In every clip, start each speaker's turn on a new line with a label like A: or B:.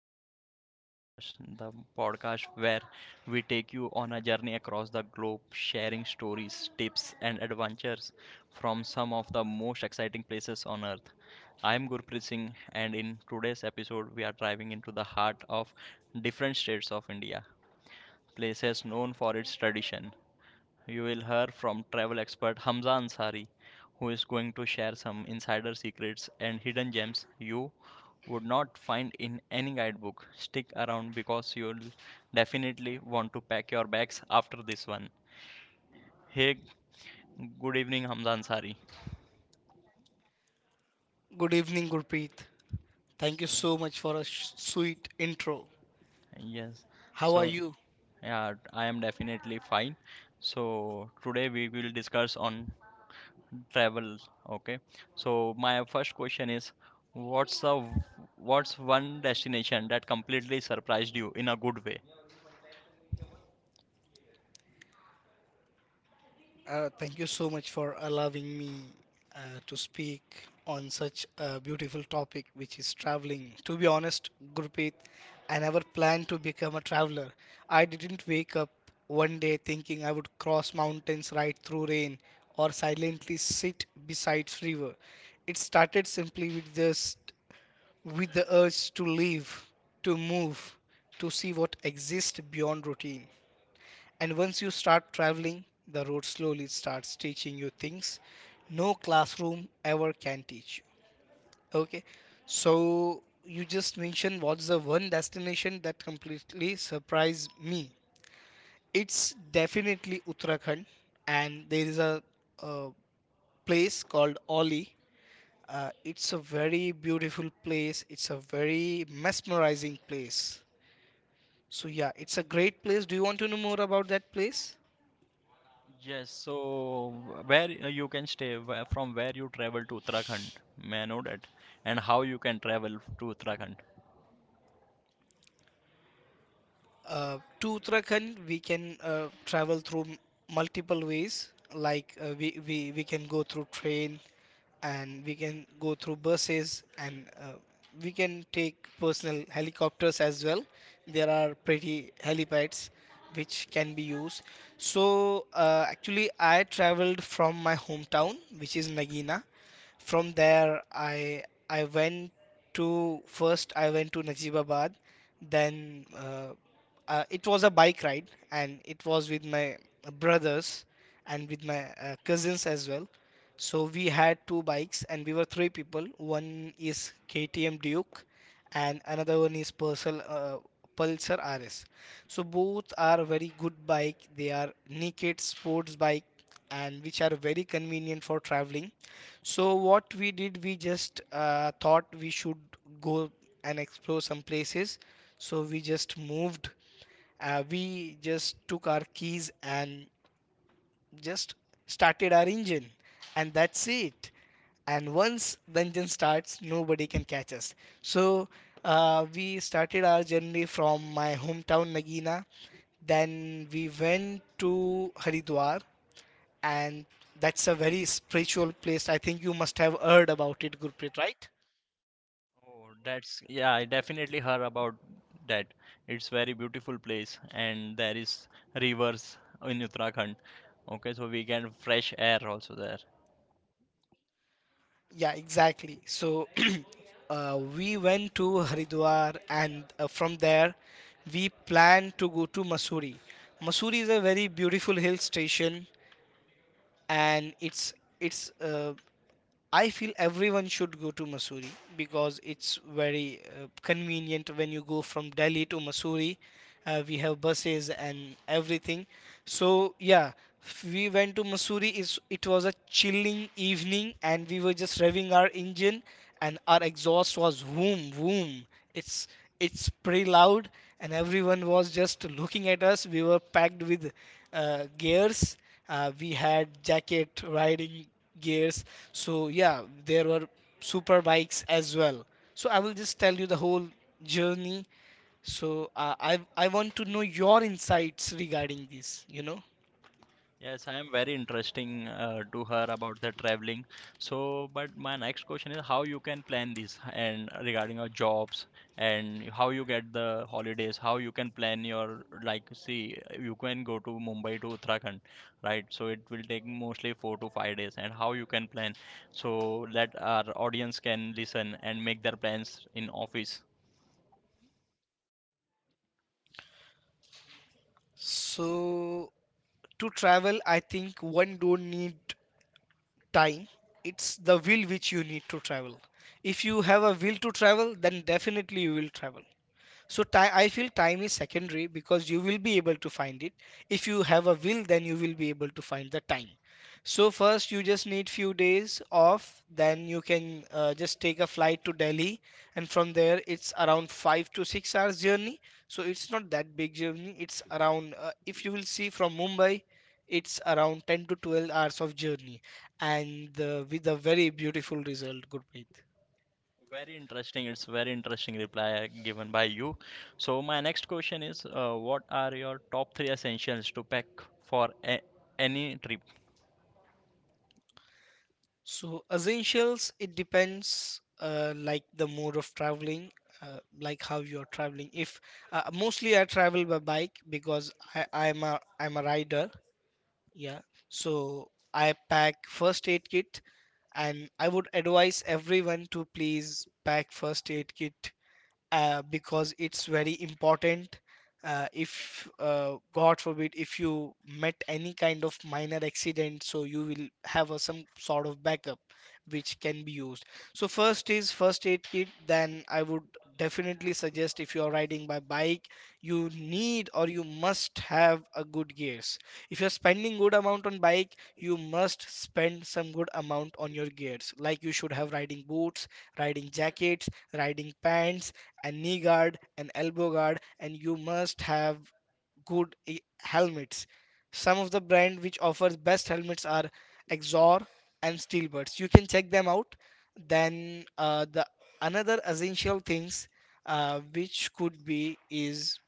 A: Welcome to Power Podcast, the podcast where we take you on a journey across the globe, sharing stories, tips, and adventures from some of the most exciting places on earth. I'm Gurpreet Singh, and in today's episode, we are driving into the heart of different states of India, places known for its tradition. You will hear from travel expert Hamza Ansari, who is going to share some insider secrets and hidden gems you would not find in any guidebook. Stick around because you'll definitely want to pack your bags after this one. Hey, good evening, Hamza Ansari.
B: Good evening, Gurpreet. Thank you
A: So,
B: so much for a sweet intro.
A: yes,
B: How are
A: so
B: you?
A: yeah, I am definitely fine. So, today we will discuss on travel. Okay. So my first question is, what's the what's one destination that completely surprised you in a good way?
B: Thank you so much for allowing me uh, to speak on such a beautiful topic, which is traveling. To be honest, Gurpreet, I never planned to become a traveler. I didn't wake up one day thinking I would cross mountains, ride through rain, or silently sit beside river. It started simply with just with the urge to live, to move, to see what exists beyond routine. And once you start traveling, the road slowly starts teaching you things no classroom ever can teach you. Okay, so you just mentioned what's the one destination that completely surprised me. It's definitely Uttarakhand, and there is a place called Oli. It's a very beautiful place. It's a very mesmerizing place. So yeah, it's a great place. Do you want to know more about that place?
A: Yes. So where you can stay from where you travel to Uttarakhand? May I know that? And how you can travel to Uttarakhand?
B: To Uttarakhand, we can travel through multiple ways. Like we can go through train, and we can go through buses, and we can take personal helicopters as well. There are pretty helipads which can be used. So actually, I traveled from my hometown, which is Nagina. From there, I went to first I went to Najibabad, then. It was a bike ride, and it was with my brothers and with my cousins as well. So we had two bikes, and we were three people. One is KTM Duke, and another one is Pulsar RS. So both are very good bike. They are naked sports bike and which are very convenient for traveling. So what we did, we just thought we should go and explore some places. So we just moved. We just took our keys and just started our engine, and that's it. And once the engine starts, nobody can catch us. So we started our journey from my hometown Nagina. Then we went to Haridwar, and that's a very spiritual place. I think you must have heard about it, Gurpreet, right?
A: Oh, that's yeah, I definitely heard about that. It's very beautiful place and there is rivers in Uttarakhand. Okay, so we get fresh air also there.
B: Yeah, exactly. So we went to Haridwar, and from there we planned to go to Mussoorie. Mussoorie is a very beautiful hill station, and it's I feel everyone should go to Mussoorie because it's very convenient when you go from Delhi to Mussoorie. We have buses and everything. So yeah, we went to Mussoorie. It was a chilling evening, and we were just revving our engine, and our exhaust was boom boom. It's it's pretty loud, and everyone was just looking at us. We were packed with gears. We had jacket riding gears. So yeah, there were super bikes as well. So I will just tell you the whole journey. So I want to know your insights regarding this you know
A: Yes, I am very interesting to her about the traveling. So, but my next question is how you can plan this and regarding your jobs and how you get the holidays, how you can plan your, like, see you can go to Mumbai to Uttarakhand, right? So it will take mostly 4 to 5 days and how you can plan so that our audience can listen and make their plans in office.
B: so to travel, I think one don't need time. It's the will which you need to travel. If you have a will to travel, then definitely you will travel. So time I feel time is secondary because you will be able to find it. If you have a will, then you will be able to find the time. So first you just need few days off, then you can just take a flight to Delhi, and from there it's around 5 to 6 hours journey. So it's not that big journey. It's around if you will see from Mumbai, it's around 10 to 12 hours of journey, and with a very beautiful result, Gurpreet.
A: Very interesting. It's very interesting reply given by you. So my next question is, what are your top three essentials to pack for a any trip?
B: So essentials, it depends like the mode of traveling, like how you are traveling. If mostly I travel by bike because I'm a rider. Yeah. So I pack first aid kit, and I would advise everyone to please pack first aid kit because it's very important. If God forbid, if you met any kind of minor accident, so you will have a, some sort of backup which can be used. So first is first aid kit. Then I would definitely suggest if you are riding by bike, you need or you must have a good gears. If you are spending good amount on bike, you must spend some good amount on your gears. Like you should have riding boots, riding jackets, riding pants, a knee guard, an elbow guard, and you must have good helmets. Some of the brand which offers best helmets are Exor and Steelbirds. You can check them out. Then the another essential things which could be is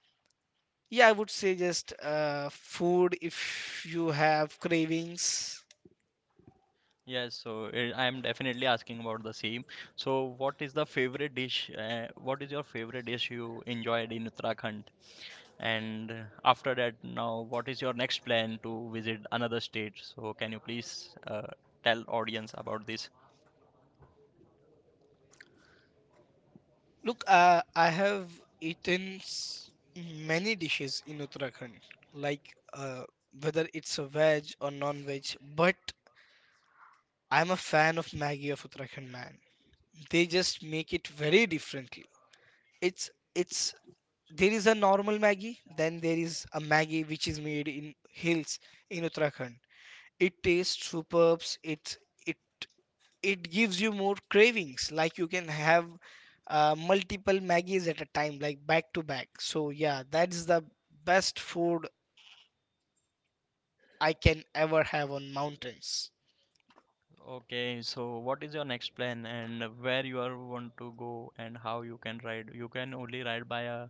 B: yeah, I would say just food if you have cravings.
A: Yes, so I am definitely asking about the same. So what is the favorite dish? What is your favorite dish you enjoyed in Uttarakhand? And after that, now what is your next plan to visit another state? So can you please tell audience about this?
B: Look, I have eaten many dishes in Uttarakhand, like uh, whether it's a veg or non-veg, but I'm a fan of Maggie of Uttarakhand, man. They just make it very differently. It's There is a normal Maggie, then there is a Maggie which is made in hills in Uttarakhand. It tastes superb. It it gives you more cravings. Like you can have multiple maggies at a time, like back to back. So yeah, that's the best food I can ever have on mountains.
A: Okay, so what is your next plan and where you are want to go and how you can ride? You can only ride by a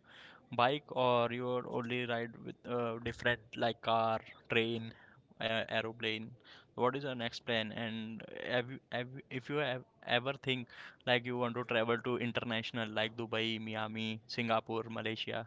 A: bike or you are only ride with different, like, car, train, aeroplane. What is your next plan? And if you have ever think, like, you want to travel to international, like Dubai, Miami, Singapore, Malaysia.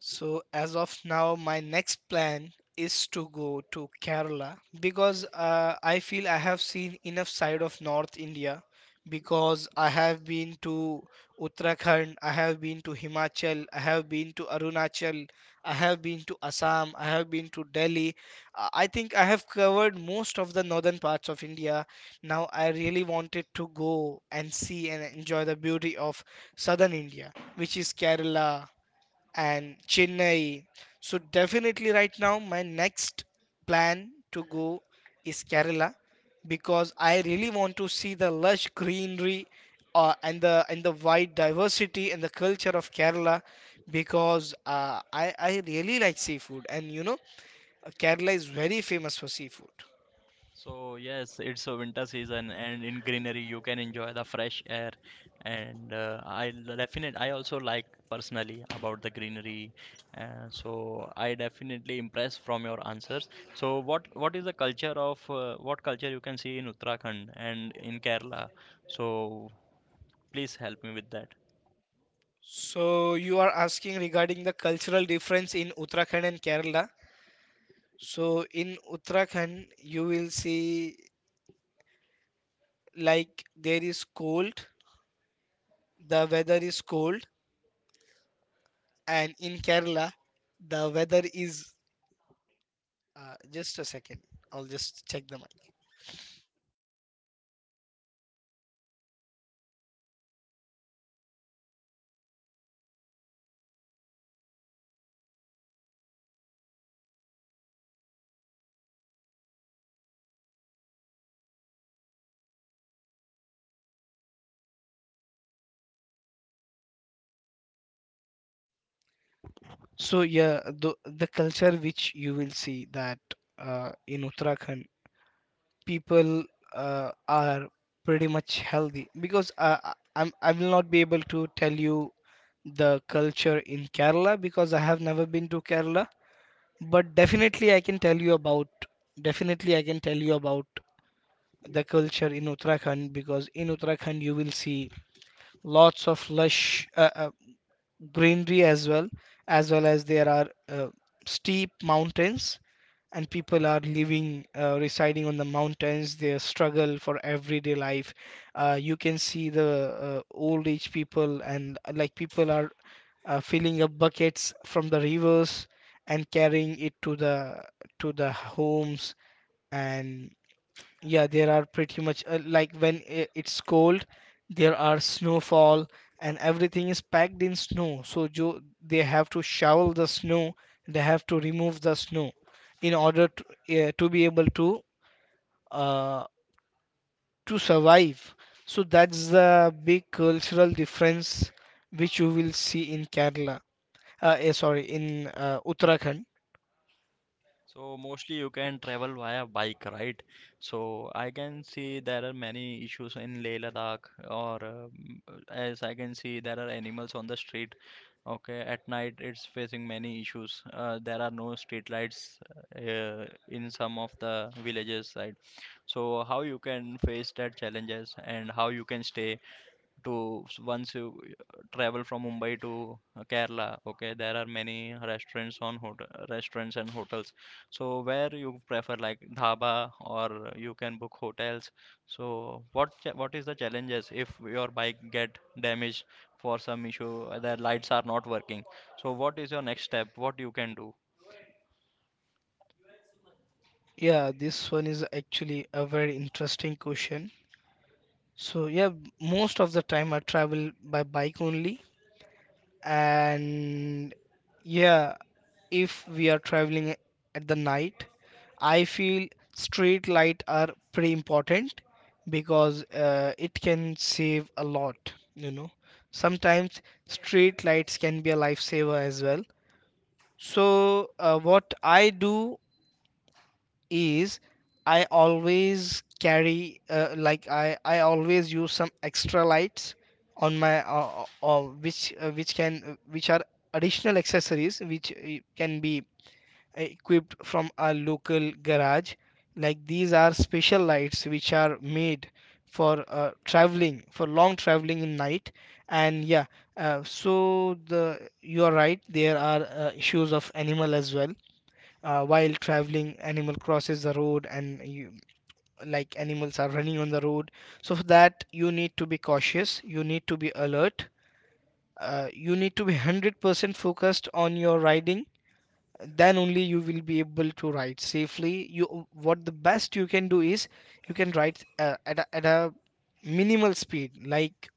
B: So as of now, my next plan is to go to Kerala because I feel I have seen enough side of North India because I have been to Uttarakhand, I have been to Himachal, I have been to Arunachal, I have been to Assam, I have been to Delhi. I think I have covered most of the northern parts of India. Now I really wanted to go and see and enjoy the beauty of southern India, which is Kerala, and Chennai. So definitely right now my next plan to go is Kerala because I really want to see the lush greenery and the wide diversity and the culture of Kerala because I really like seafood, and you know Kerala is very famous for seafood.
A: So yes, it's a winter season, and in greenery you can enjoy the fresh air. And I l- definite I also like personally about the greenery. So I definitely impressed from your answers. So what is the culture of what culture you can see in Uttarakhand and in Kerala? So please help me with that.
B: So you are asking regarding the cultural difference in Uttarakhand and Kerala. So in Uttarakhand, you will see like there is cold the weather is cold, and in Kerala the weather is just a second, I'll just check the mic. So yeah, the culture which you will see that in Uttarakhand people are pretty much healthy because I will not be able to tell you the culture in Kerala because I have never been to Kerala, but definitely I can tell you about definitely i can tell you about the culture in Uttarakhand because in Uttarakhand you will see lots of lush greenery, as well as there are steep mountains, and people are living residing on the mountains. They struggle for everyday life. You can see the old age people, and like people are filling up buckets from the rivers and carrying it to the homes. And yeah, there are pretty much like when it's cold, there are snowfall and everything is packed in snow. So jo they have to shovel the snow, they have to remove the snow in order to be able uh, to survive. So that's the big cultural difference which you will see in Kerala. Sorry, in Uttarakhand.
A: So mostly you can travel via bike, right? So I can see there are many issues in Leh Ladakh, or as I can see, there are animals on the street. Okay, at night it's facing many issues. There are no street lights in some of the villages, right? So how you can face that challenges and how you can stay to once you travel from Mumbai to Kerala. Okay, there are many restaurants on hotel, restaurants and hotels. So where you prefer, like, dhaba or you can book hotels. So what is the challenges if your bike get damaged for some issue, the lights are not working. So what is your next step? What you can do?
B: Yeah, this one is actually a very interesting question. So yeah, most of the time I travel by bike only, and yeah, if we are traveling at the night, I feel street light are pretty important because it can save a lot, you know. Sometimes street lights can be a lifesaver as well. What I do is I always carry like I always use some extra lights on my which can which are additional accessories which can be equipped from a local garage, like these are special lights which are made for traveling, for long traveling in night. And yeah uh, so the you are right, there are issues of animal as well. While traveling, animal crosses the road and like animals are running on the road, so for that you need to be cautious, you need to be alert, you need to be 100% focused on your riding. Then only you will be able to ride safely. You what the best you can do is you can ride at a minimal speed, like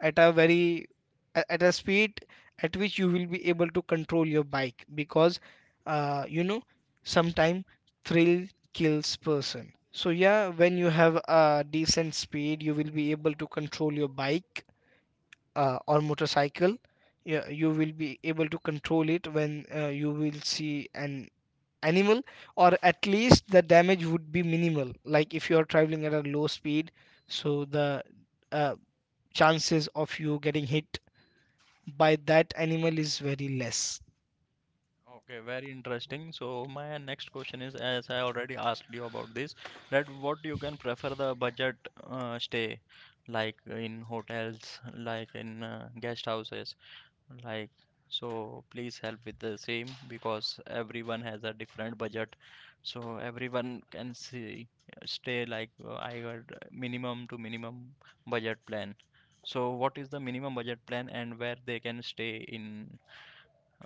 B: at a very at a speed at which you will be able to control your bike, because you know, sometime thrill kills person. So yeah, when you have a decent speed you will be able to control your bike or motorcycle. Yeah, you will be able to control it when you will see an animal, or at least the damage would be minimal. Like if you are traveling at a low speed, so the uh, chances of you getting hit by that animal is very less.
A: Okay, very interesting. So my next question is, as I already asked you about this, that what you can prefer the budget stay, like in hotels, like in guest houses, like, so please help with the same because everyone has a different budget. So everyone can see stay, like, I heard minimum to minimum budget plan. So what is the minimum budget plan and where they can stay in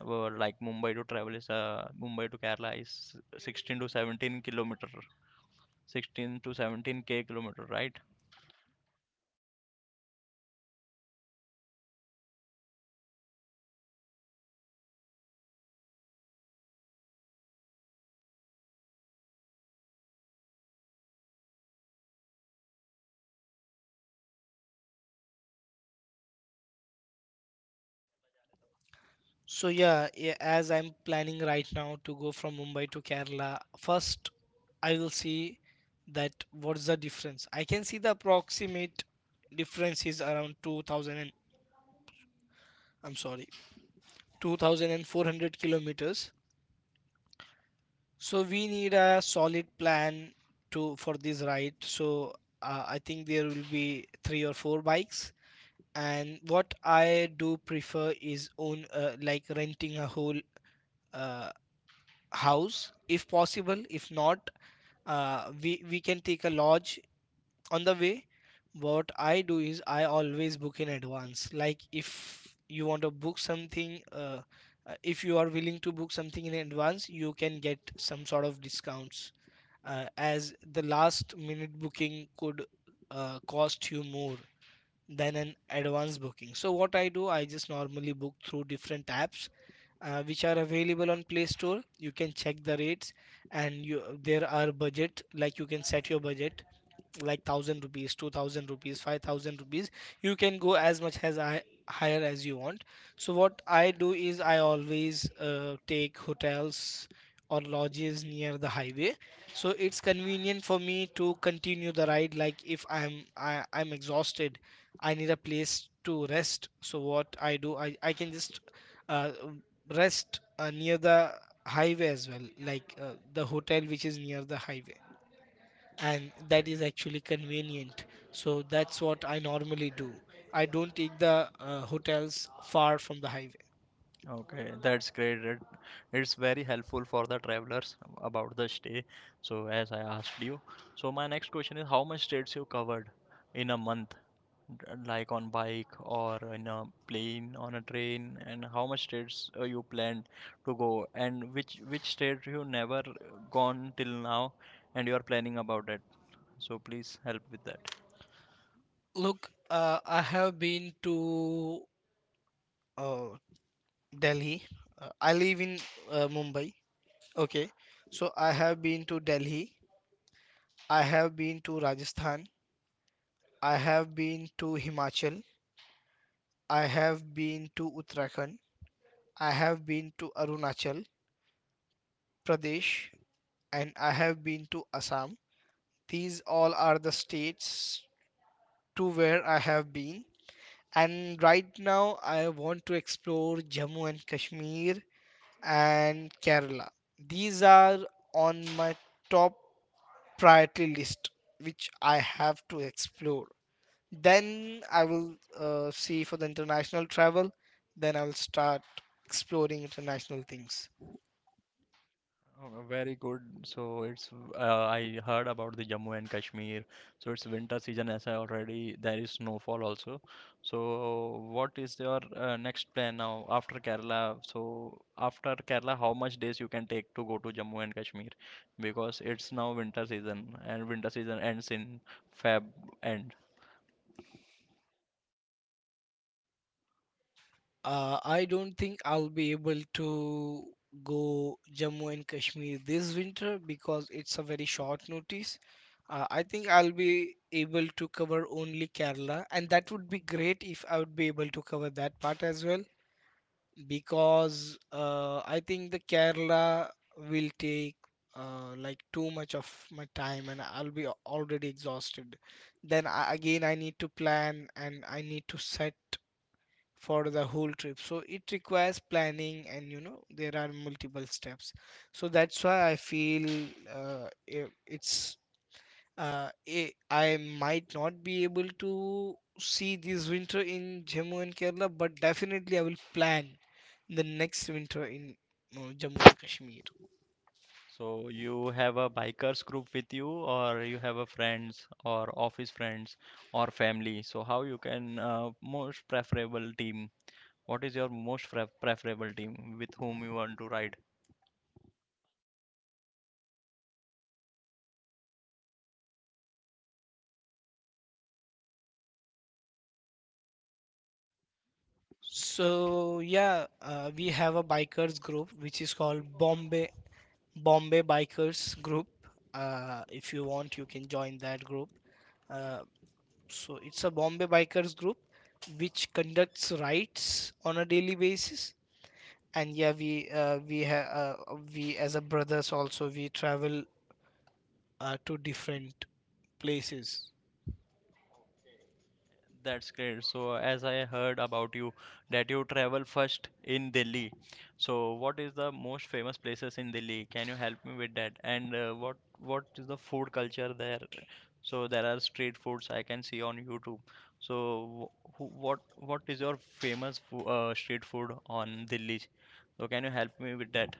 A: like Mumbai to travel is Mumbai to Kerala is 16 to 17 kilometer, 16 to 17 k kilometer, right?
B: So yeah, yeah, as I'm planning right now to go from Mumbai to Kerala, first I will see that what's the difference. I can see the approximate difference is around 2000 and, I'm sorry, 2400 kilometers. So we need a solid plan to for this ride. So I think there will be three or four bikes. And what I do prefer is own like renting a whole uh, house if possible. If not, we can take a lodge on the way. What I do is I always book in advance. Like if you want to book something if you are willing to book something in advance, you can get some sort of discounts, as the last minute booking could cost you more than an advanced booking. So what I do, I just normally book through different apps which are available on Play Store. You can check the rates, and you there are budget, like you can set your budget like 1,000 rupees, 2,000 rupees, 5,000 rupees. You can go as much as I higher as you want. So what I do is I always take hotels or lodges near the highway. So it's convenient for me to continue the ride. Like if I'm I, I'm exhausted, I need a place to rest. So what I do, I can just uh, rest near the highway as well, like the hotel which is near the highway, and
A: Okay.
B: that is actually convenient. So that's what I normally do. I don't take the hotels far from the highway.
A: Okay, that's great. It's very helpful for the travelers about the stay. So, as I asked you, so my next question is how much states you covered in a month, like on bike or in a plane, on a train, and how much states you planned to go, and which state you never gone till now, and you are planning about it. So, please help with that.
B: Look, I have been to uh, Delhi. I live in Mumbai. Okay. So I have been to Delhi, I have been to Rajasthan, I have been to Himachal, I have been to Uttarakhand, I have been to Arunachal Pradesh, and I have been to Assam. These all are the states to where I have been. And right now, I want to explore Jammu and Kashmir and Kerala. These are on my top priority list, which I have to explore. Then I will see for the international travel. Then I will start exploring international things.
A: Oh, very good. So it's I heard about the Jammu and Kashmir. So it's winter season as I already there is snowfall also. So what is your next plan now after Kerala? So after Kerala, how much days you can take to go to Jammu and Kashmir? Because it's now winter season and winter season ends in Feb end.
B: I don't think I'll be able to go Jammu and Kashmir this winter because it's a very short notice. I think I'll be able to cover only Kerala, and that would be great if I would be able to cover that part as well, because I think the Kerala will take like too much of my time and I'll be already exhausted. I need to plan and I need to set for the whole trip. So it requires planning and you know there are multiple steps. So that's why I feel it's I might not be able to see this winter in Jammu and Kerala, but definitely I will plan the next winter in Jammu and Kashmir.
A: So you have a bikers group with you, or you have a friends, or office friends, or family. So how you can most preferable team? What is your most preferable team with whom you want to ride?
B: So yeah, we have a bikers group which is called Bombay Bikers Group. If you want, you can join that group. Uh, so it's a Bombay Bikers group which conducts rides on a daily basis. And yeah, we as a brothers also we travel to different places.
A: That's great. So, as I heard about you, that you travel first in Delhi. So, what is the most famous places in Delhi? Can you help me with that? And what is the food culture there? So, there are street foods I can see on YouTube. So, what is your famous fo street food on Delhi? So, can you help me with that?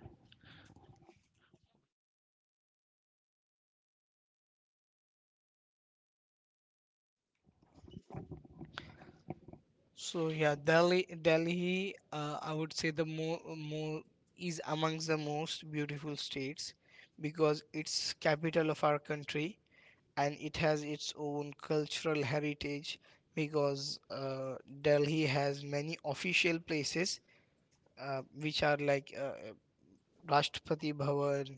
B: So yeah, Delhi, Delhi, I would say the more is amongst the most beautiful states, because it's capital of our country and it has its own cultural heritage. Because Delhi has many official places which are like Rashtrapati Bhavan,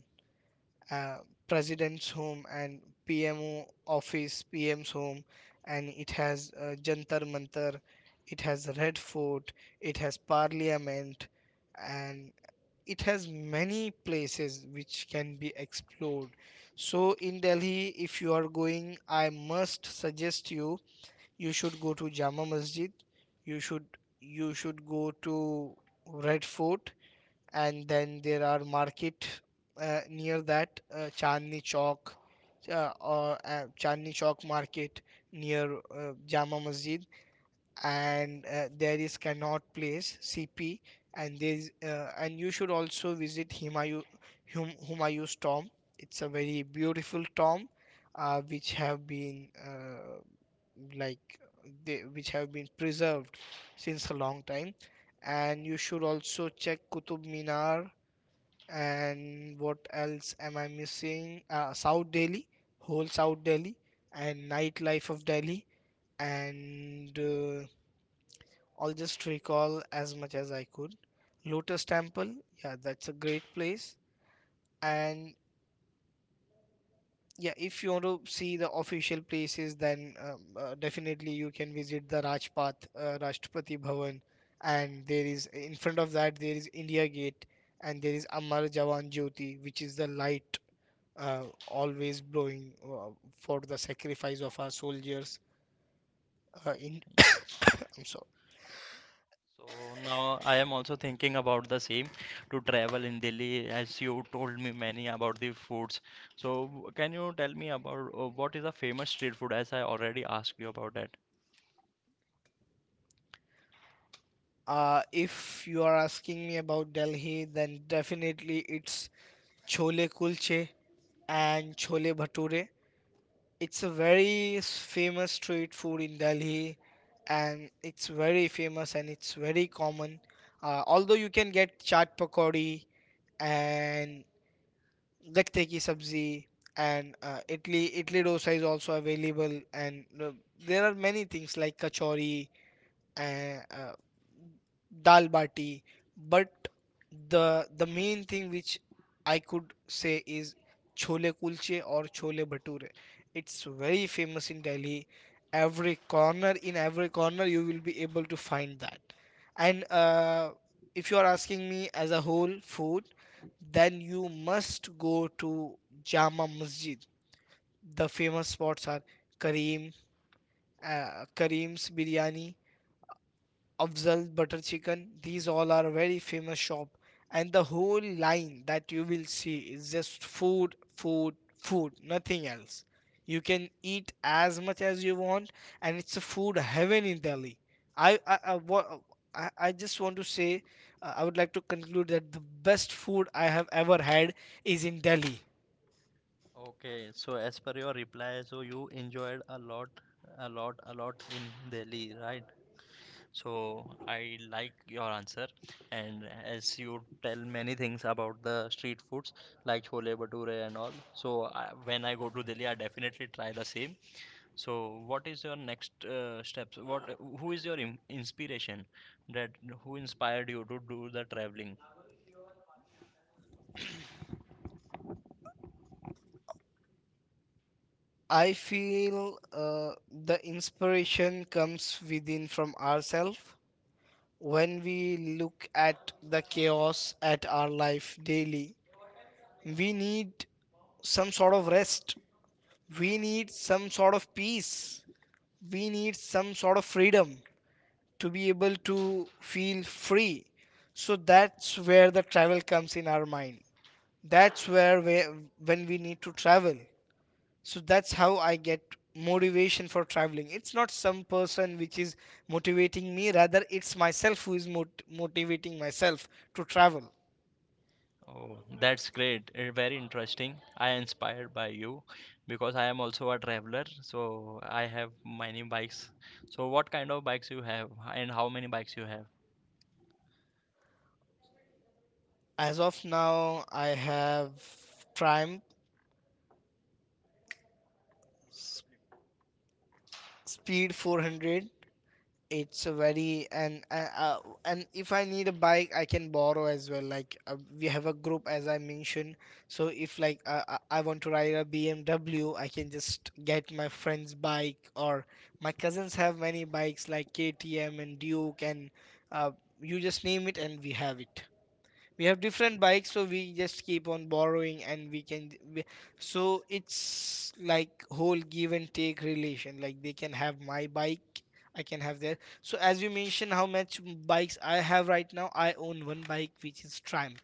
B: uh, president's home, and PMO office, PM's home, and it has Jantar Mantar, it has Red Fort, it has Parliament, and it has many places which can be explored. So in Delhi, if you are going, I must suggest you you should go to Jama Masjid, you should you should go to Red Fort, and then there are market near that Chandni Chowk or Chandni Chowk market near Jama Masjid, and there is Connaught Place CP, and there is and you should also visit Humayun's tomb. It's a very beautiful tomb which have been like which have been preserved since a long time. And you should also check Qutub Minar. And what else am I missing? South Delhi, whole South Delhi, and nightlife of Delhi, and I'll just recall as much as I could. Lotus Temple, yeah, that's a great place. And yeah, if you want to see the official places, then definitely you can visit the Rajpath, Rashtrapati Bhavan, and there is in front of that there is India Gate, and there is Amar Jawan Jyoti, which is the light always blowing for the sacrifice of our soldiers in I'm sorry.
A: So now I am also thinking about the same to travel in Delhi as you told me many about the foods. So can you tell me about what is a famous street food as I already asked you about that?
B: If you are asking me about Delhi, then definitely it's chole kulche and chole bhature. It's a very famous street food in Delhi, and it's very famous and it's very common. Although you can get chaat pakodi and Dakte ki sabzi, and idli dosa is also available, and there are many things like kachori and dal bati. But the main thing which I could say is chole kulche or chole bhature. It's very famous in Delhi. Every corner In every corner you will be able to find that. And if you are asking me as a whole food, then you must go to Jama Masjid. The famous spots are Kareem, Kareem's biryani, Afzal Butter Chicken. These all are very famous shop, and the whole line that you will see is just food, food, food, nothing else. You can eat as much as you want, and it's a food heaven in Delhi. I I I, wa- I just want to say, I would like to conclude that the best food I have ever had is in Delhi.
A: Okay, so as per your reply, so you enjoyed a lot, a lot, a lot in Delhi, right? So I like your answer, and as you tell many things about the street foods, like chole bhature and all. So when I go to Delhi, I definitely try the same. So what is your next steps? What who is your im inspiration that who inspired you to do the traveling?
B: I feel the inspiration comes within from ourselves. When we look at the chaos at our life daily, we need some sort of rest, we need some sort of peace, we need some sort of freedom, to be able to feel free. So that's where the travel comes in our mind. That's where when we need to travel. So that's how I get motivation for traveling. It's not some person which is motivating me, rather it's myself who is motivating myself to travel.
A: Oh, that's great. Very interesting. I am inspired by you because I am also a traveler, so I have many bikes. So what kind of bikes you have and how many bikes you have?
B: As of now I have Triumph Speed 400. It's a very, and if I need a bike I can borrow as well. Like we have a group as I mentioned. So if like I want to ride a BMW, I can just get my friend's bike. Or my cousins have many bikes like KTM and Duke and uh, you just name it and we have it. We have different bikes, so we just keep on borrowing, and so it's like whole give and take relation. Like they can have my bike, I can have their So as you mentioned how much bikes I have, right now I own one bike which is Triumph.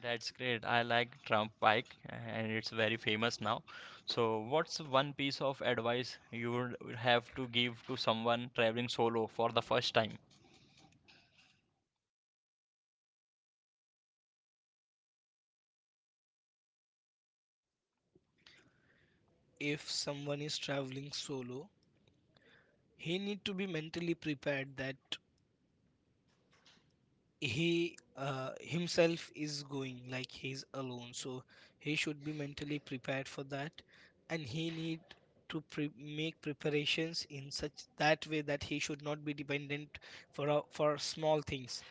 A: That's great. I like Trump bike and it's very famous now. So, what's one piece of advice you would have to give to someone traveling solo for the first time?
B: If someone is traveling solo, he need to be mentally prepared that he himself is going, like he's alone. So he should be mentally prepared for that. And he need to make preparations in such that way that he should not be dependent for small things.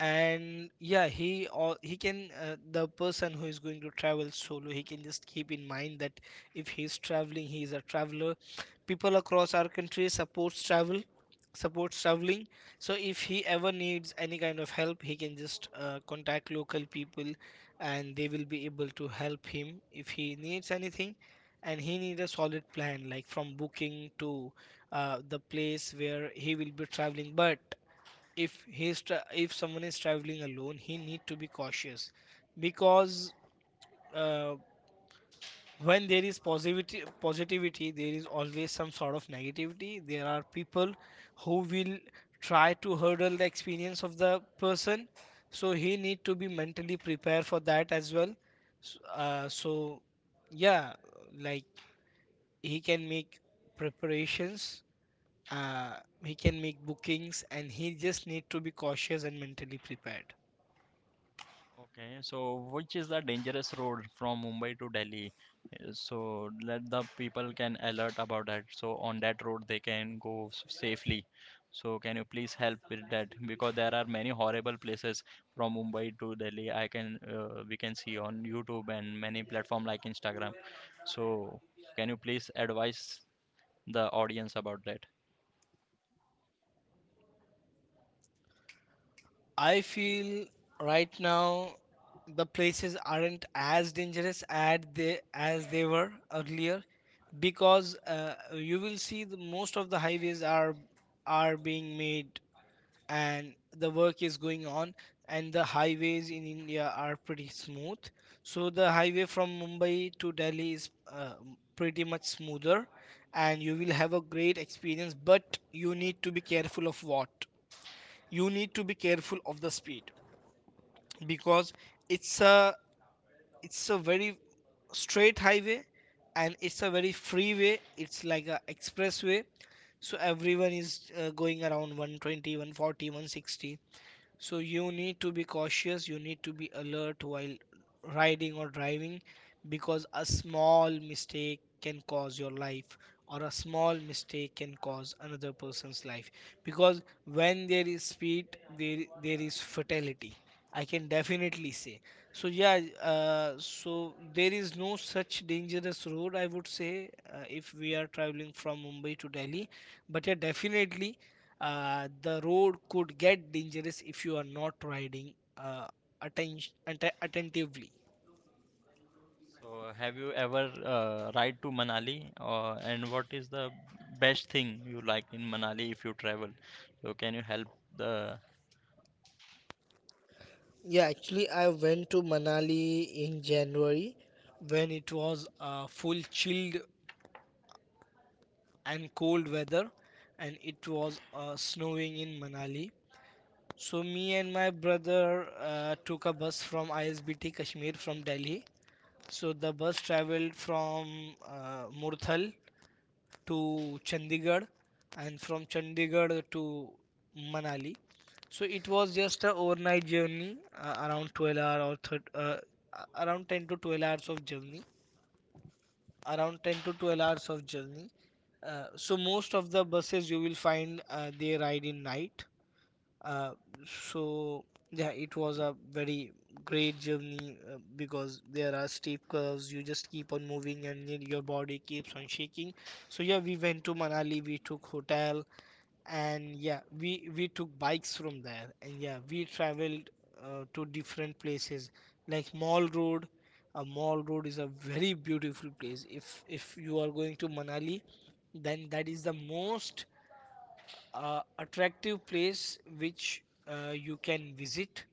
B: And yeah, he can the person who is going to travel solo, he can just keep in mind that if he's traveling he is a traveler. People across our country supports travel supports traveling. So if he ever needs any kind of help, he can just contact local people, and they will be able to help him if he needs anything. And he needs a solid plan, like from booking to the place where he will be traveling. But if if someone is traveling alone, he need to be cautious, because uh, when there is positivity, there is always some sort of negativity. There are people who will try to hurdle the experience of the person. So he need to be mentally prepared for that as well. So yeah, like he can make preparations, uh, he can make bookings, and he just need to be cautious and mentally prepared.
A: Okay, so which is the dangerous road from Mumbai to Delhi? So let the people can alert about that. So on that road they can go safely. So can you please help with that? Because there are many horrible places from Mumbai to Delhi. I can we can see on YouTube and many platform like Instagram. So can you please advise the audience about that?
B: I feel right now the places aren't as dangerous as they were earlier. Because you will see most of the highways are being made, and the work is going on, and the highways in India are pretty smooth. So the highway from Mumbai to Delhi is pretty much smoother, and you will have a great experience. But you need To be careful of what, you need to be careful of the speed, because it's a it's a very straight highway, and it's a very freeway. It's like a expressway, so everyone is going around one twenty, one forty, one sixty. So you need to be cautious, you need to be alert while riding or driving, because a small mistake can cause your life, or a small mistake can cause another person's life. Because when there is speed, there is fatality, I can definitely say. So yeah, so there is no such dangerous road, I would say, if we are traveling from Mumbai to Delhi. But yeah, definitely, the road could get dangerous if you are not riding atten- attentively.
A: So, have you ever ride to Manali, and what is the best thing you like in Manali if you travel? So, can you help the.
B: Yeah, actually, I went to Manali in January, when it was full chilled and cold weather, and it was snowing in Manali. So me and my brother took a bus from ISBT Kashmir from Delhi. So the bus traveled from Murthal to Chandigarh, and from Chandigarh to Manali. So it was just a overnight journey, around 12 hour or around 10 to 12 hours of journey. Around 10 to 12 hours of journey. So most of the buses you will find they ride in night. uh, so yeah, it was a very great journey because there are steep curves. You just keep on moving, and your body keeps on shaking. So yeah, we went to Manali. We took hotel, and yeah, we took bikes from there, and yeah, we traveled to different places like Mall Road. A Mall Road is a very beautiful place. If you are going to Manali, then that is the most attractive place which you can visit.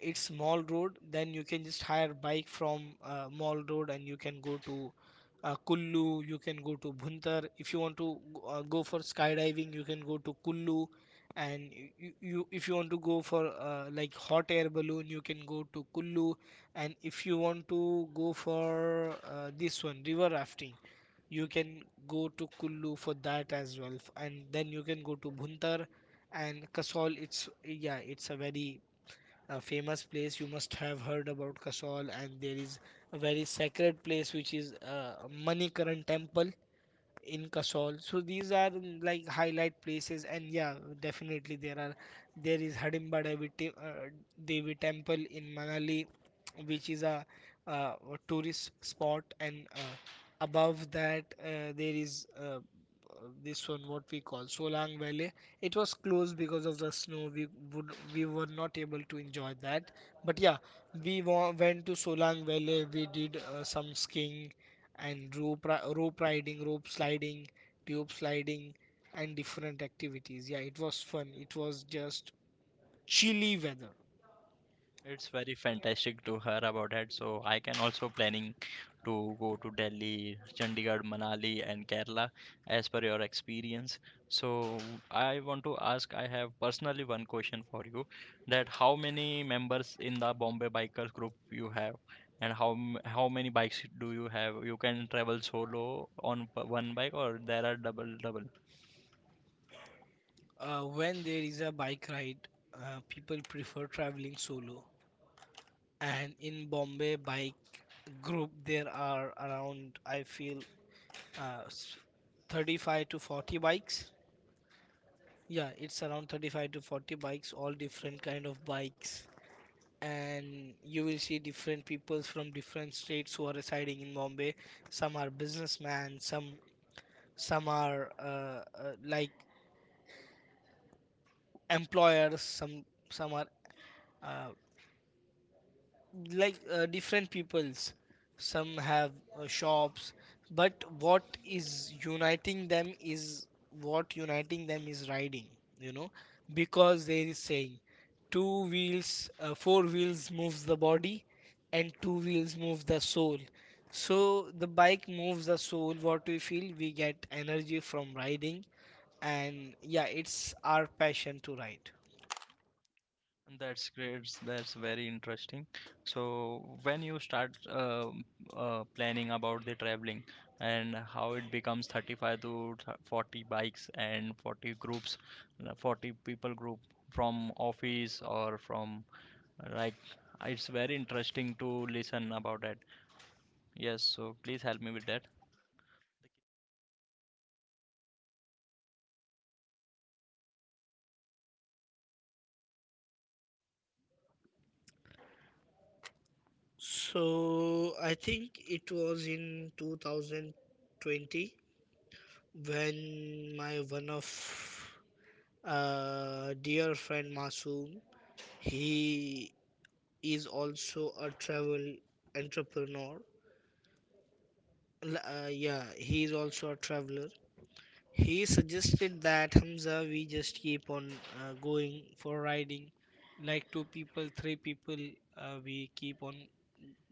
B: It's Mall Road, then you can just hire bike from Mall Road, and you can go to Kullu, you can go to Bhuntar. If you want to go for skydiving, you can go to Kullu. And you if you want to go for like hot air balloon, you can go to Kullu. And if you want to go for this one river rafting, you can go to Kullu for that as well. And then you can go to Bhuntar and Kasol. It's yeah, it's a very a famous place. You must have heard about Kasol. And there is a very sacred place, which is Manikaran temple in Kasol. So these are like highlight places, and yeah, definitely there are, there is Hidimba Devi, Devi Temple in Manali, which is a, a tourist spot. And above that there is, this one what we call Solang Valley. It was closed because of the snow. We would we were not able to enjoy that. But yeah, we went to Solang Valley. We did some skiing and rope riding, rope sliding, tube sliding, and different activities. Yeah, it was fun. It was just chilly weather.
A: It's very fantastic to hear about it. So I can also planning to go to Delhi, Chandigarh, Manali, and Kerala as per your experience. So I want to ask, I have personally one question for you, that how many members in the Bombay Bikers group you have, and how many bikes do you have? You can travel solo on one bike, or there are double double.
B: When there is a bike ride, people prefer traveling solo. And in Bombay bike group, there are around, I feel, uh, s- 35 to 40 bikes. Yeah, it's around 35 to 40 bikes, all different kind of bikes, and you will see different people from different states who are residing in Bombay. Some are businessmen, some are like employers, some are uh, like different peoples, some have shops. But what is uniting them is, what uniting them is riding, you know. Because there is saying, two wheels four wheels moves the body, and two wheels move the soul. So the bike moves the soul. What we feel, we get energy from riding, and yeah, it's our passion to ride.
A: That's great. That's very interesting. So, when you start planning about the traveling and how it becomes 35 to 40 bikes and 40 groups, 40 people group from office or from like it's very interesting to listen about that. Yes, so please help me with that.
B: So I think it was in 2020 when my one of dear friend Masoom, he is also a travel entrepreneur. Yeah, he is also a traveler. He suggested that Hamza, we just keep on going for riding, like two people, three people, we keep on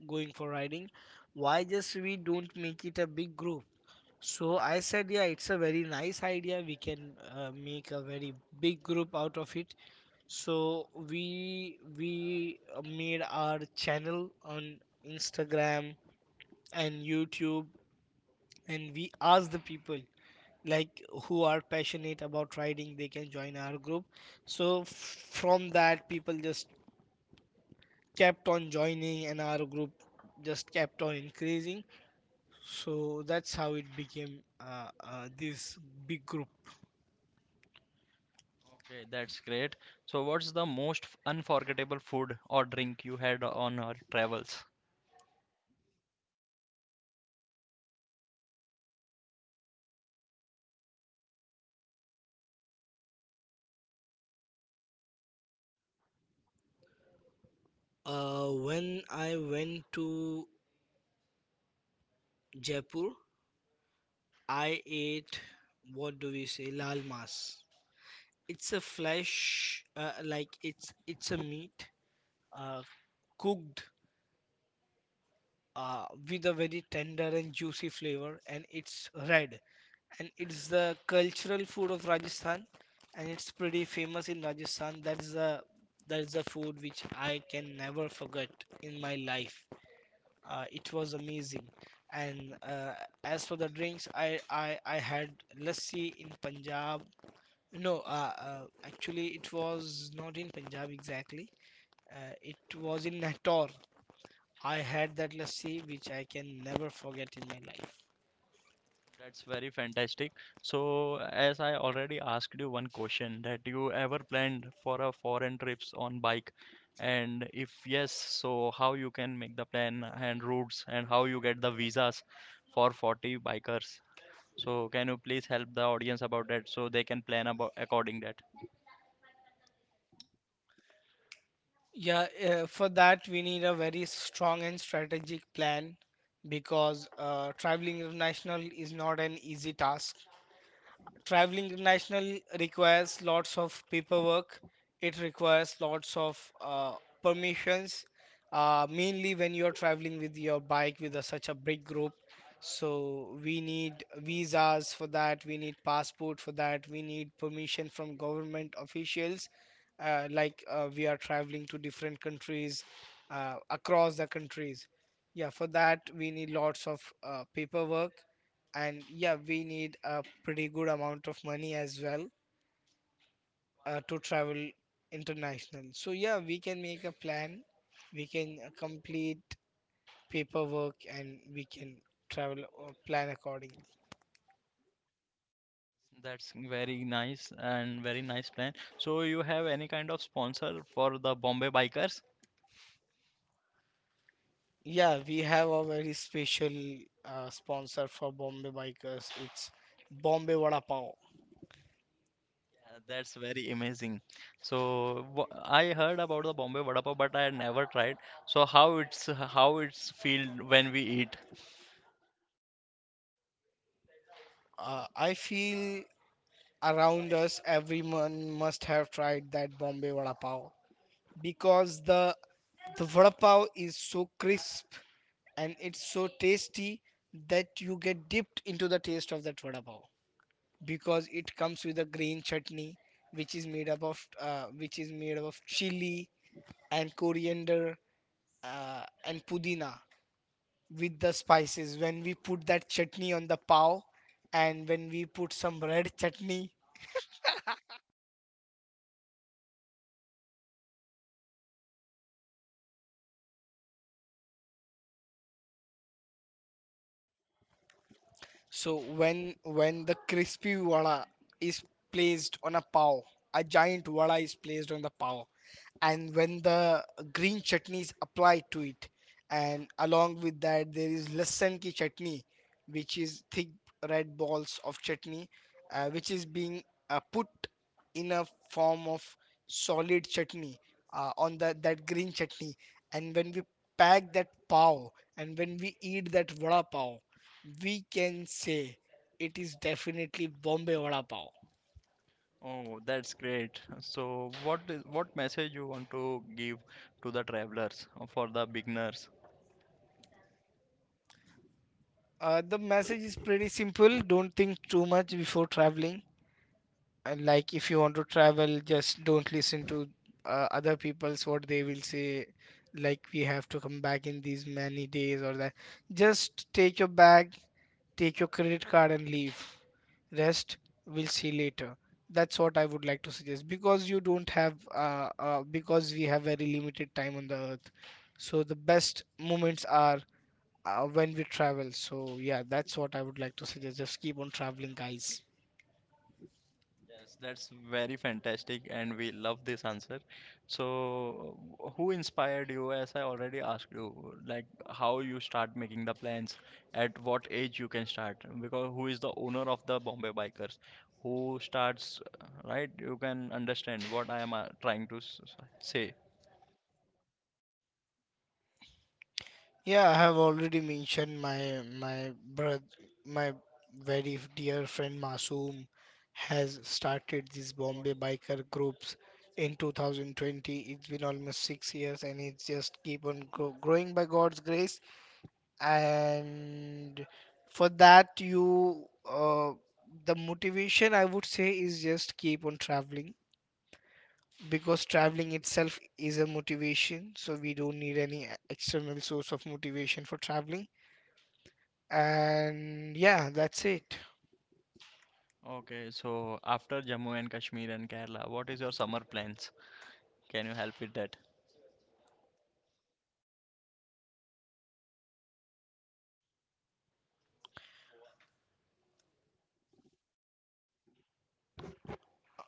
B: going for riding. Why just we don't make it a big group? So I said, yeah, it's a very nice idea. We can make a very big group out of it. So we made our channel on Instagram and YouTube, and we asked the people like who are passionate about riding, they can join our group. So from that, people just kept on joining, and our group just kept on increasing. So that's how it became this big group.
A: Okay, that's great. So, what's the most unforgettable food or drink you had on our travels?
B: When I went to Jaipur, I ate, what do we say, lal mas. It's a flesh, like it's a meat, uh, cooked with a very tender and juicy flavor, and it's red. And it's the cultural food of Rajasthan, and it's pretty famous in Rajasthan. That is the food which I can never forget in my life. It was amazing. And as for the drinks, I had lassi in Punjab. No, actually it was not in Punjab exactly. It was in Nator. I had that lassi which I can never forget in my life.
A: That's very fantastic. So, as I already asked you one question, that you ever planned for a foreign trips on bike? And if yes, so how you can make the plan and routes and how you get the visas for 40 bikers? So, can you please help the audience about that so they can plan about according that?
B: Yeah, for that we need a very strong and strategic plan, because traveling international is not an easy task. Traveling international requires lots of paperwork. It requires lots of permissions, mainly when you're traveling with your bike with a such a big group. So we need visas for that, we need passport for that, we need permission from government officials. Like we are traveling to different countries, across the countries. Yeah, for that we need lots of paperwork, and yeah, we need a pretty good amount of money as well, to travel international. So yeah, we can make a plan, we can complete paperwork, and we can travel or plan accordingly.
A: That's very nice and very nice plan. So, you have any kind of sponsor for the Bombay bikers?
B: Yeah, we have a very special sponsor for Bombay Bikers. It's Bombay Vada Pav.
A: That's very amazing. So I heard about the Bombay vada pav, but I never tried. So how it's feel when we eat?
B: I feel around us everyone must have tried that Bombay Vada Pav, because the vada pav is so crisp, and it's so tasty, that you get dipped into the taste of that vada pav. Because it comes with a green chutney, which is made up of chili and coriander, and pudina, with the spices. When we put that chutney on the pav, and when we put some red chutney. So when the crispy vada is placed on a pav, a giant vada is placed on the pav, and when the green chutney is applied to it, and along with that there is lasan ki chutney, which is thick red balls of chutney, which is being put in a form of solid chutney, on the that green chutney. And when we pack that pav, and when we eat that vada pav, we can say it is definitely Bombay Vada Pav.
A: Oh, that's great. So what message you want to give to the travelers or for the beginners?
B: The message is pretty simple. Don't think too much before traveling. And like, if you want to travel, just don't listen to other people's what they will say. Like, we have to come back in these many days or that. Just take your bag, take your credit card and leave. Rest, we'll see later. That's what I would like to suggest, because you don't have, because we have very limited time on the earth. So the best moments are when we travel. So yeah, that's what I would like to suggest. Just keep on traveling, guys.
A: Yes, that's very fantastic, and we love this answer. So, who inspired you? As I already asked you, like how you start making the plans, at what age you can start, because who is the owner of the Bombay Bikers? Who starts, right? You can understand what I am trying to say.
B: Yeah, I have already mentioned my brother, my very dear friend Masoom, has started these Bombay biker groups in 2020. It's been almost 6 years, and it's just keep on growing by God's grace. And for that, you uh, the motivation, I would say, is just keep on traveling, because traveling itself is a motivation. So we don't need any external source of motivation for traveling. And yeah, that's it.
A: Okay, so after Jammu and Kashmir and Kerala, what is your summer plans? Can you help with that?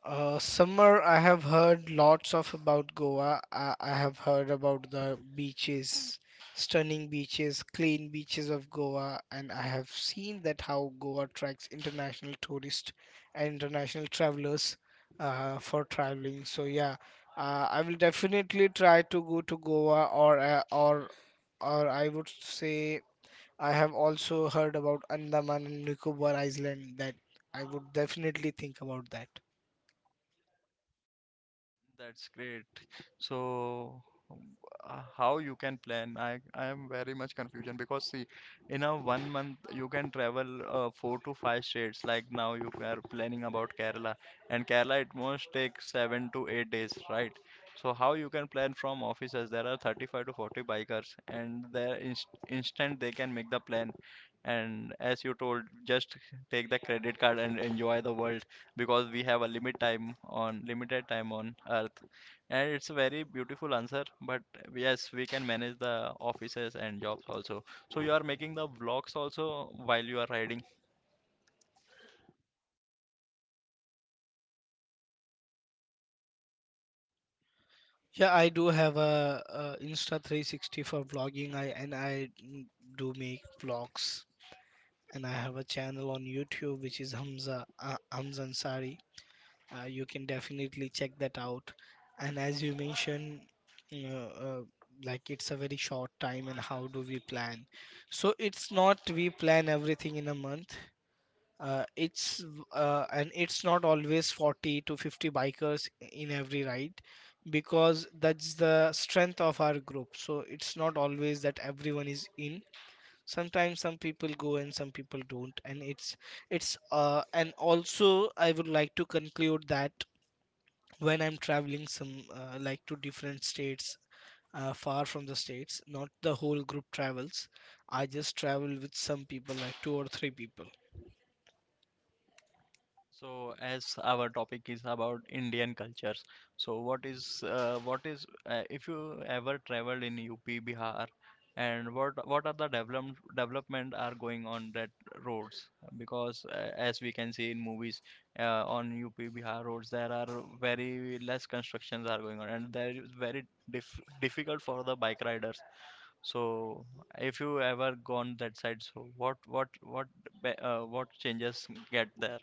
B: Summer, I have heard lots of about Goa. I have heard about the beaches, stunning beaches, clean beaches of Goa. And I have seen that how Goa attracts international tourists and international travelers, for traveling. So yeah, I will definitely try to go to Goa, or I would say, I have also heard about Andaman and Nicobar Island, that I would definitely think about that.
A: That's great. So, um, how you can plan? I am very much confusion because see, in a 1 month you can travel 4 to 5 states. Like now you are planning about Kerala, and Kerala it most takes 7 to 8 days, right? So how you can plan from offices? There are 35 to 40 bikers, and there instant they can make the plan. And as you told, just take the credit card and enjoy the world because we have a limited time on earth, and it's a very beautiful answer, but yes, we can manage the offices and jobs also. So you are making the vlogs also while you are riding.
B: Yeah, I do have a Insta 360 for vlogging. I do make vlogs, and I have a channel on YouTube, which is Hamza Ansari. You can definitely check that out. And as you mentioned, you know, like, it's a very short time, and how do we plan? So it's not we plan everything in a month. It's And it's not always 40 to 50 bikers in every ride, because that's the strength of our group. So it's not always that everyone is in. Sometimes some people go and some people don't, and it's and also I would like to conclude that when I'm traveling some like to different states, far from the states, not the whole group travels. I just travel with some people, like two or three people.
A: So, as our topic is about Indian cultures, so what is if you ever traveled in UP, Bihar, and what are the development are going on that roads? Because as we can see in movies, on UP, Bihar roads there are very less constructions are going on, and there is very difficult for the bike riders. So, if you ever gone that side, so what what changes get there?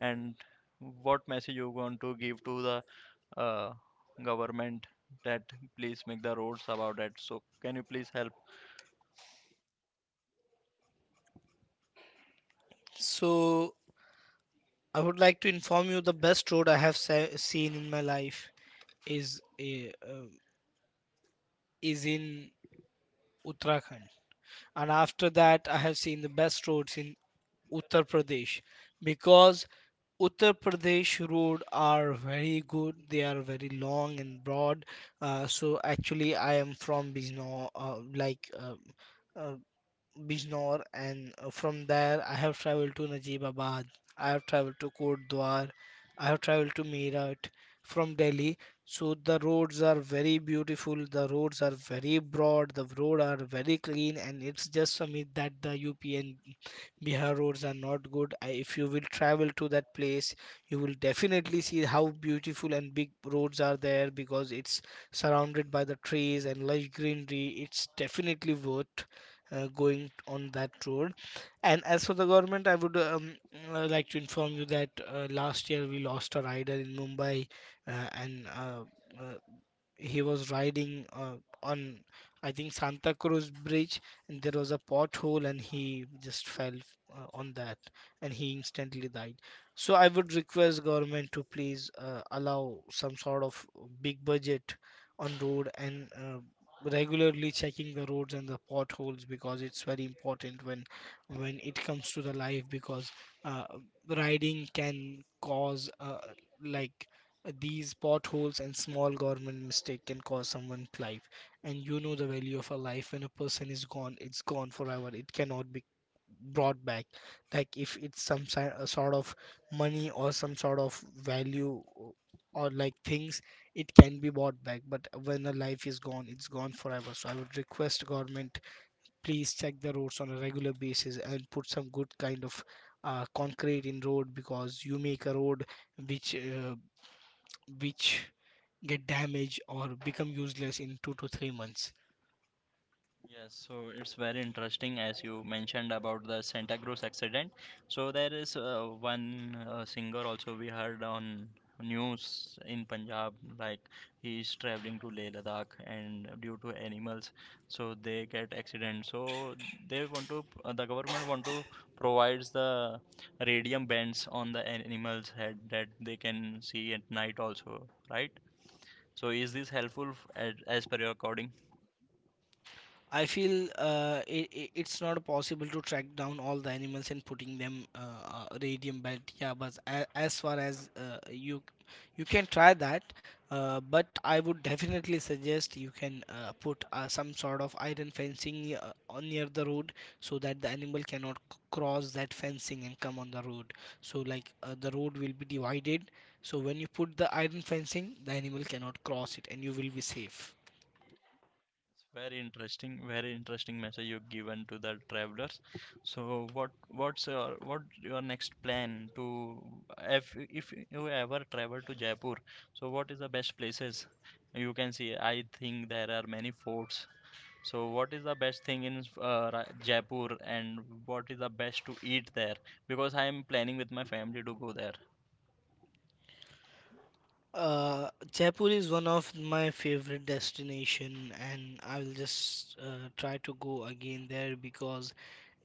A: And what message you want to give to the uh, government that please make the roads about that, so can you please help.
B: So I would like to inform you the best road I have seen in my life is is in Uttarakhand, and after that I have seen the best roads in Uttar Pradesh, because Uttar Pradesh road are very good. They are very long and broad. So actually, I am from Bijnor, like. Uh, Bijnor, and from there I have traveled to Najibabad. I have traveled to Kotdwar. I have traveled to Meerut from Delhi. So the roads are very beautiful. The roads are very broad. The roads are very clean, and it's just a myth that the UP and Bihar roads are not good. If you will travel to that place, you will definitely see how beautiful and big roads are there, because it's surrounded by the trees and lush greenery. It's definitely worth going on that road. And as for the government, I would like to inform you that last year we lost a rider in Mumbai. And uh, he was riding on, I think, Santa Cruz Bridge, and there was a pothole and he just fell on that, and he instantly died. So I would request government to please allow some sort of big budget on road, and regularly checking the roads and the potholes, because it's very important when it comes to the life. Because uh, riding can cause like these potholes, and small government mistake can cost someone's life. And you know the value of a life. When a person is gone, it's gone forever. It cannot be brought back. Like if it's some sort of money or some sort of value or like things, it can be bought back. But when a life is gone, it's gone forever. So I would request government, please check the roads on a regular basis and put some good kind of concrete in road, because you make a road which uh, which get damaged or become useless in 2 to 3 months.
A: Yes, so it's very interesting as you mentioned about the Santa Cruz accident. So there is one singer also we heard on news in Punjab, like he is traveling to Leh Ladakh, and due to animals, so they get accident. So they want to, the government want to provides the radium bands on the animals head that they can see at night also, right? So is this helpful as per your recording?
B: I feel it's not possible to track down all the animals and putting them radium belt. Yeah, but as far as you you can try that, but I would definitely suggest you can put some sort of iron fencing on near the road, so that the animal cannot cross that fencing and come on the road. So like the road will be divided. So when you put the iron fencing, the animal cannot cross it, and you will be safe.
A: It's very interesting message you've given to the travelers. So, what your next plan to, if if you ever travel to Jaipur? So, what is the best places you can see? I think there are many forts. So, what is the best thing in Jaipur, and what is the best to eat there? Because I am planning with my family to go there.
B: Jaipur is one of my favorite destination, and I'll just try to go again there because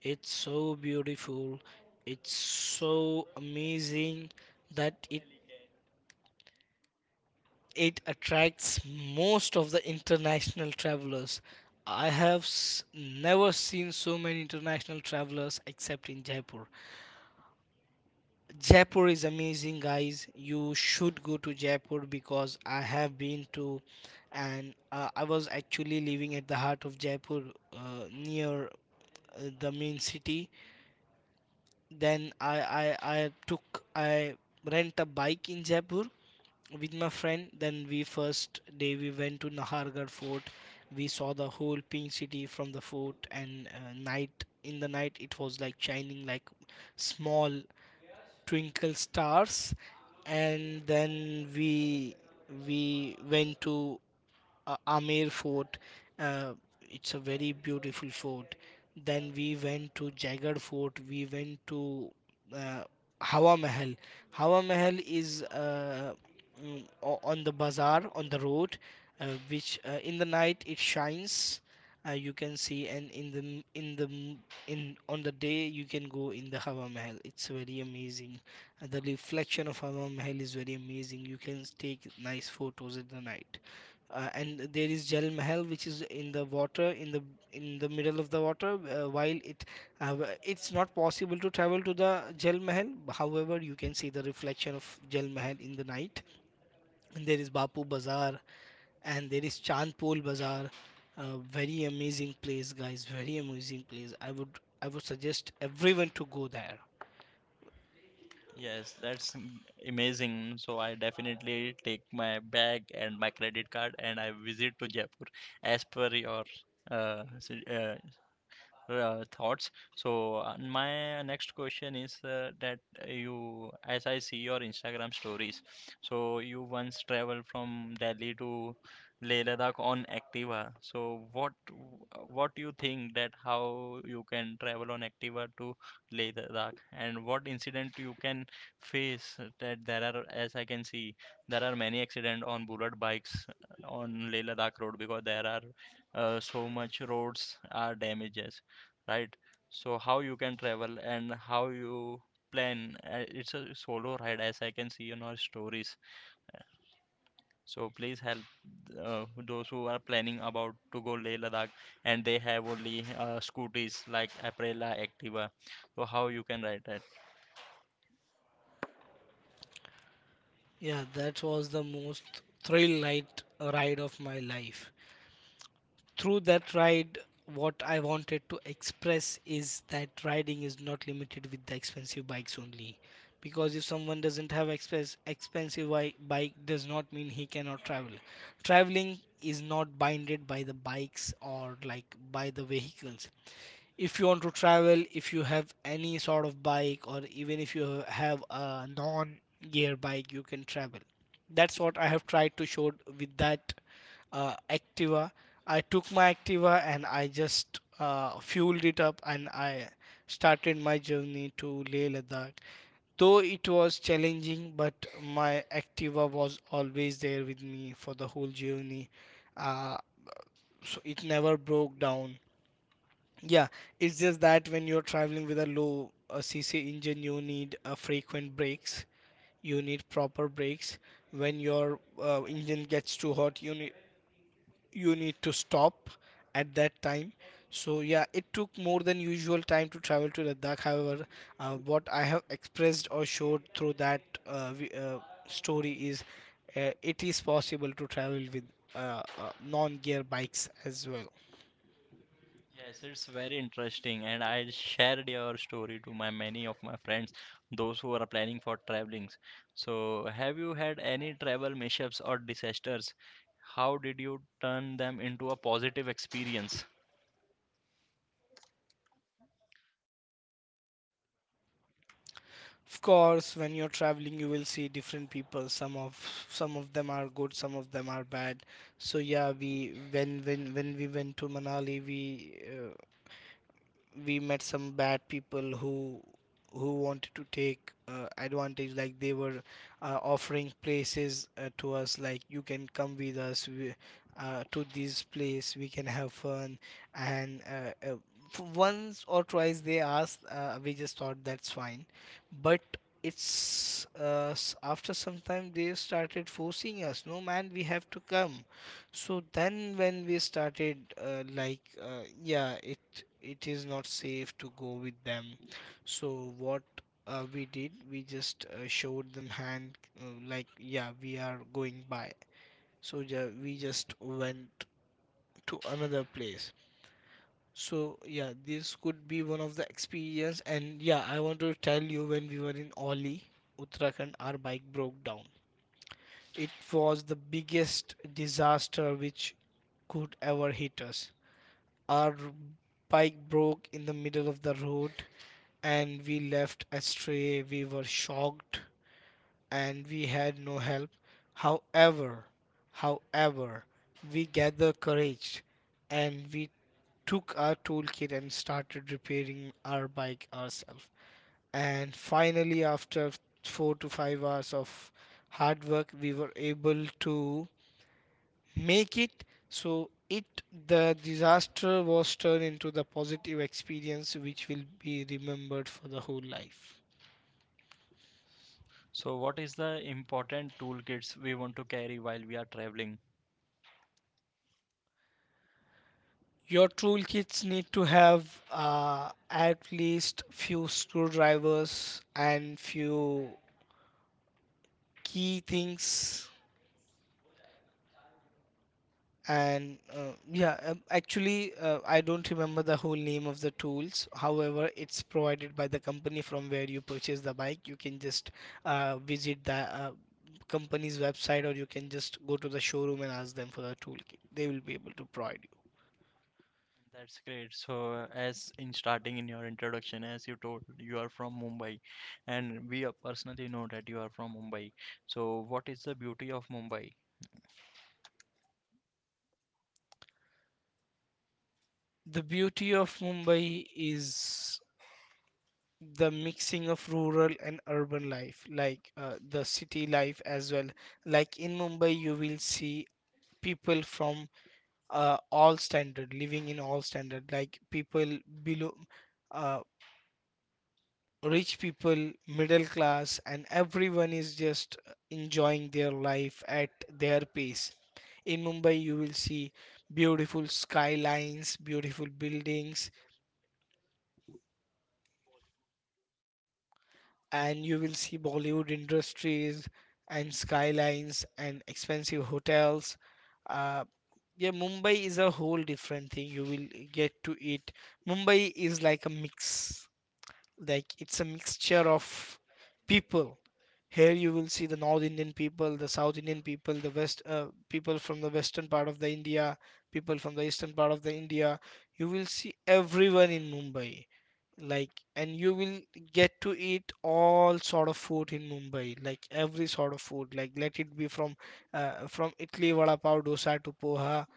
B: it's so beautiful. It's so amazing that it attracts most of the international travelers. I have s never seen so many international travelers except in Jaipur. Jaipur is amazing, guys. You should go to Jaipur, because I have been to, and I was actually living at the heart of Jaipur, near the main city. Then I rent a bike in Jaipur with my friend. Then we first day we went to Nahargarh Fort. We saw the whole pink city from the fort, and night in the night it was like shining like small twinkle stars. And then we went to Amer Fort. Uh, it's a very beautiful fort. Then we went to Jagar Fort. We went to uh, Hawa Mahal. Hawa Mahal is on the bazaar on the road, which in the night it shines. You can see, and in the m- in the m- in on the day you can go in the Hawa Mahal. It's very amazing. The reflection of Hawa Mahal is very amazing. You can take nice photos at the night, and there is Jal Mahal, which is in the water, in the middle of the water. It's not possible to travel to the Jal Mahal. However, you can see the reflection of Jal Mahal in the night. And there is Bapu Bazaar, and there is Chandpol Bazaar. Very amazing place, guys. Very amazing place. I would suggest everyone to go there.
A: Yes, that's amazing. So I definitely take my bag and my credit card and I visit to Jaipur as per your uh, su- uh, thoughts. So my next question is that you, as I see your Instagram stories, so you once traveled from Delhi to Leh Ladakh on Activa. So what you think that how you can travel on Activa to Leh Ladakh, and what incident you can face, that there are, as I can see, there are many accident on bullet bikes on Leh Ladakh road because there are so much roads are damages, right? So how you can travel and how you plan. It's a solo ride, as I can see in our stories. So please help those who are planning about to go Leh Ladakh, and they have only scooters like Aprilia, Activa. So how you can ride that?
B: Yeah, that was the most thrill light ride of my life. Through that ride, what I wanted to express is that riding is not limited with the expensive bikes only, because if someone doesn't have express expensive bike, does not mean he cannot travel. Traveling is not binded by the bikes or like by the vehicles. If you want to travel, if you have any sort of bike, or even if you have a non gear bike, you can travel. That's what I have tried to show with that Activa. I took my Activa and I just fueled it up, and I started my journey to Leh Ladakh. Though it was challenging, but my Activa was always there with me for the whole journey. uh, so it never broke down. Yeah, it's just that when you're traveling with a low cc engine, you need frequent brakes. You need proper brakes. When your engine gets too hot, you need to stop at that time. So yeah, it took more than usual time to travel to Ladakh. However, what I have expressed or showed through that story is it is possible to travel with uh, uh, non-gear bikes as well.
A: Yes, it's very interesting, and I shared your story to my many of my friends, those who are planning for travelings. So, have you had any travel mishaps or disasters? How did you turn them into a positive experience?
B: Of course, when you're traveling, you will see different people. Some of them are good, some of them are bad. So yeah, we when we went to Manali, uh, we met some bad people who wanted to take advantage. Like they were offering places to us, like you can come with us to this place, we can have fun. and uh, uh, Once or twice they asked, we just thought that's fine. But after some time they started forcing us, no man we have to come. So then when we started yeah, it is not safe to go with them. So what we did, we just showed them hand, like yeah, we are going by. So ju we just went to another place. So yeah, this could be one of the experience. And yeah, I want to tell you, when we were in Oli, Uttarakhand, our bike broke down. It was the biggest disaster which could ever hit us. Our bike broke in the middle of the road, and we left astray. We were shocked, and we had no help. However, however, we gathered courage, and we took our toolkit and started repairing our bike ourselves. And finally, after 4 to 5 hours of hard work, we were able to make it. So it the disaster was turned into the positive experience, which will be remembered for the whole life.
A: So, what is the important toolkits we want to carry while we are traveling?
B: Your toolkits need to have at least few screwdrivers and few key things. And yeah actually I don't remember the whole name of the tools. However, it's provided by the company from where you purchase the bike. You can just visit the company's website, or you can just go to the showroom and ask them for the toolkit. They will be able to provide you.
A: That's great. So, as in starting in your introduction, as you told, you are from Mumbai, and we personally know that you are from Mumbai. So, what is the beauty of Mumbai?
B: The beauty of Mumbai is the mixing of rural and urban life, like the city life as well. Like, in Mumbai you will see people from all standard, living in all standard, like people below, uh, rich people, middle class, and everyone is just enjoying their life at their pace. In Mumbai you will see beautiful skylines, beautiful buildings, and you will see Bollywood industries and skylines and expensive hotels. uh, yeah, Mumbai is a whole different thing. You will get to eat Mumbai is like a mix, like it's a mixture of people. Here you will see the North Indian people, the South Indian people, the West people from the western part of the India, people from the eastern part of the India. You will see everyone in Mumbai. Like, and you will get to eat all sort of food in Mumbai, like every sort of food. Like, let it be from Italy, vada pav, dosa to poha,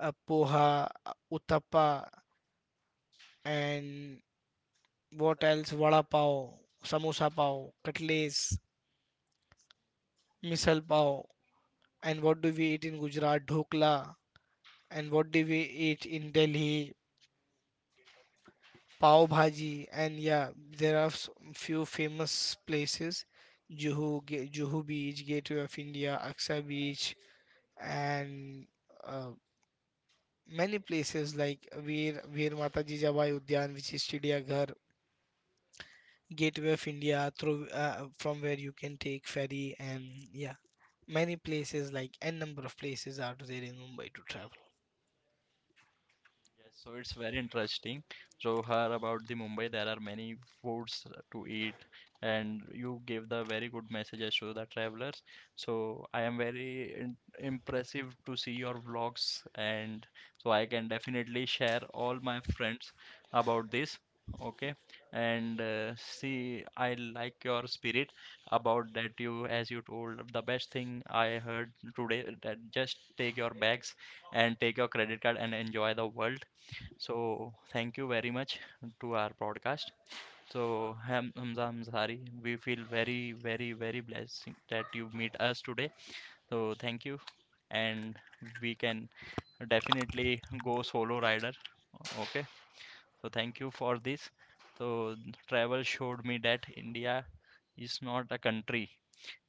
B: uttapa, and what else? Vada pav, samosa pav, cutlets, misal pav. And what do we eat in Gujarat? Dhokla. And what do we eat in Delhi? Pav bhaji. And yeah, there are few famous places. Juhu, Juhu Beach, Gateway of India, Aksa Beach, and uh, many places like Veer Mataji Jabai Udyan, which is Chidiyaghar. Gateway of India through from where you can take ferry. And yeah, many places, like n number of places are there in Mumbai to travel.
A: Yes, so it's very interesting. Johar, about the Mumbai, there are many foods to eat, and you gave the very good messages to the travelers. So I am very in impressive to see your vlogs, and so I can definitely share all my friends about this. Okay, and see, I like your spirit about that. You, as you told, the best thing I heard today that just take your bags and take your credit card and enjoy the world. So thank you very much to our podcast. So Hamza, I we feel very, very, very blessed that you meet us today. So thank you, and we can definitely go solo rider. Okay. So thank you for this. So travel showed me that India is not a country.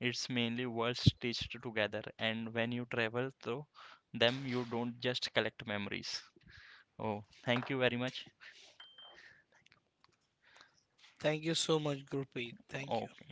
A: It's mainly worlds stitched together. And when you travel through them, you don't just collect memories. Oh, thank you very much.
B: Thank you so much, Gurpreet. Thank you.
A: Oke.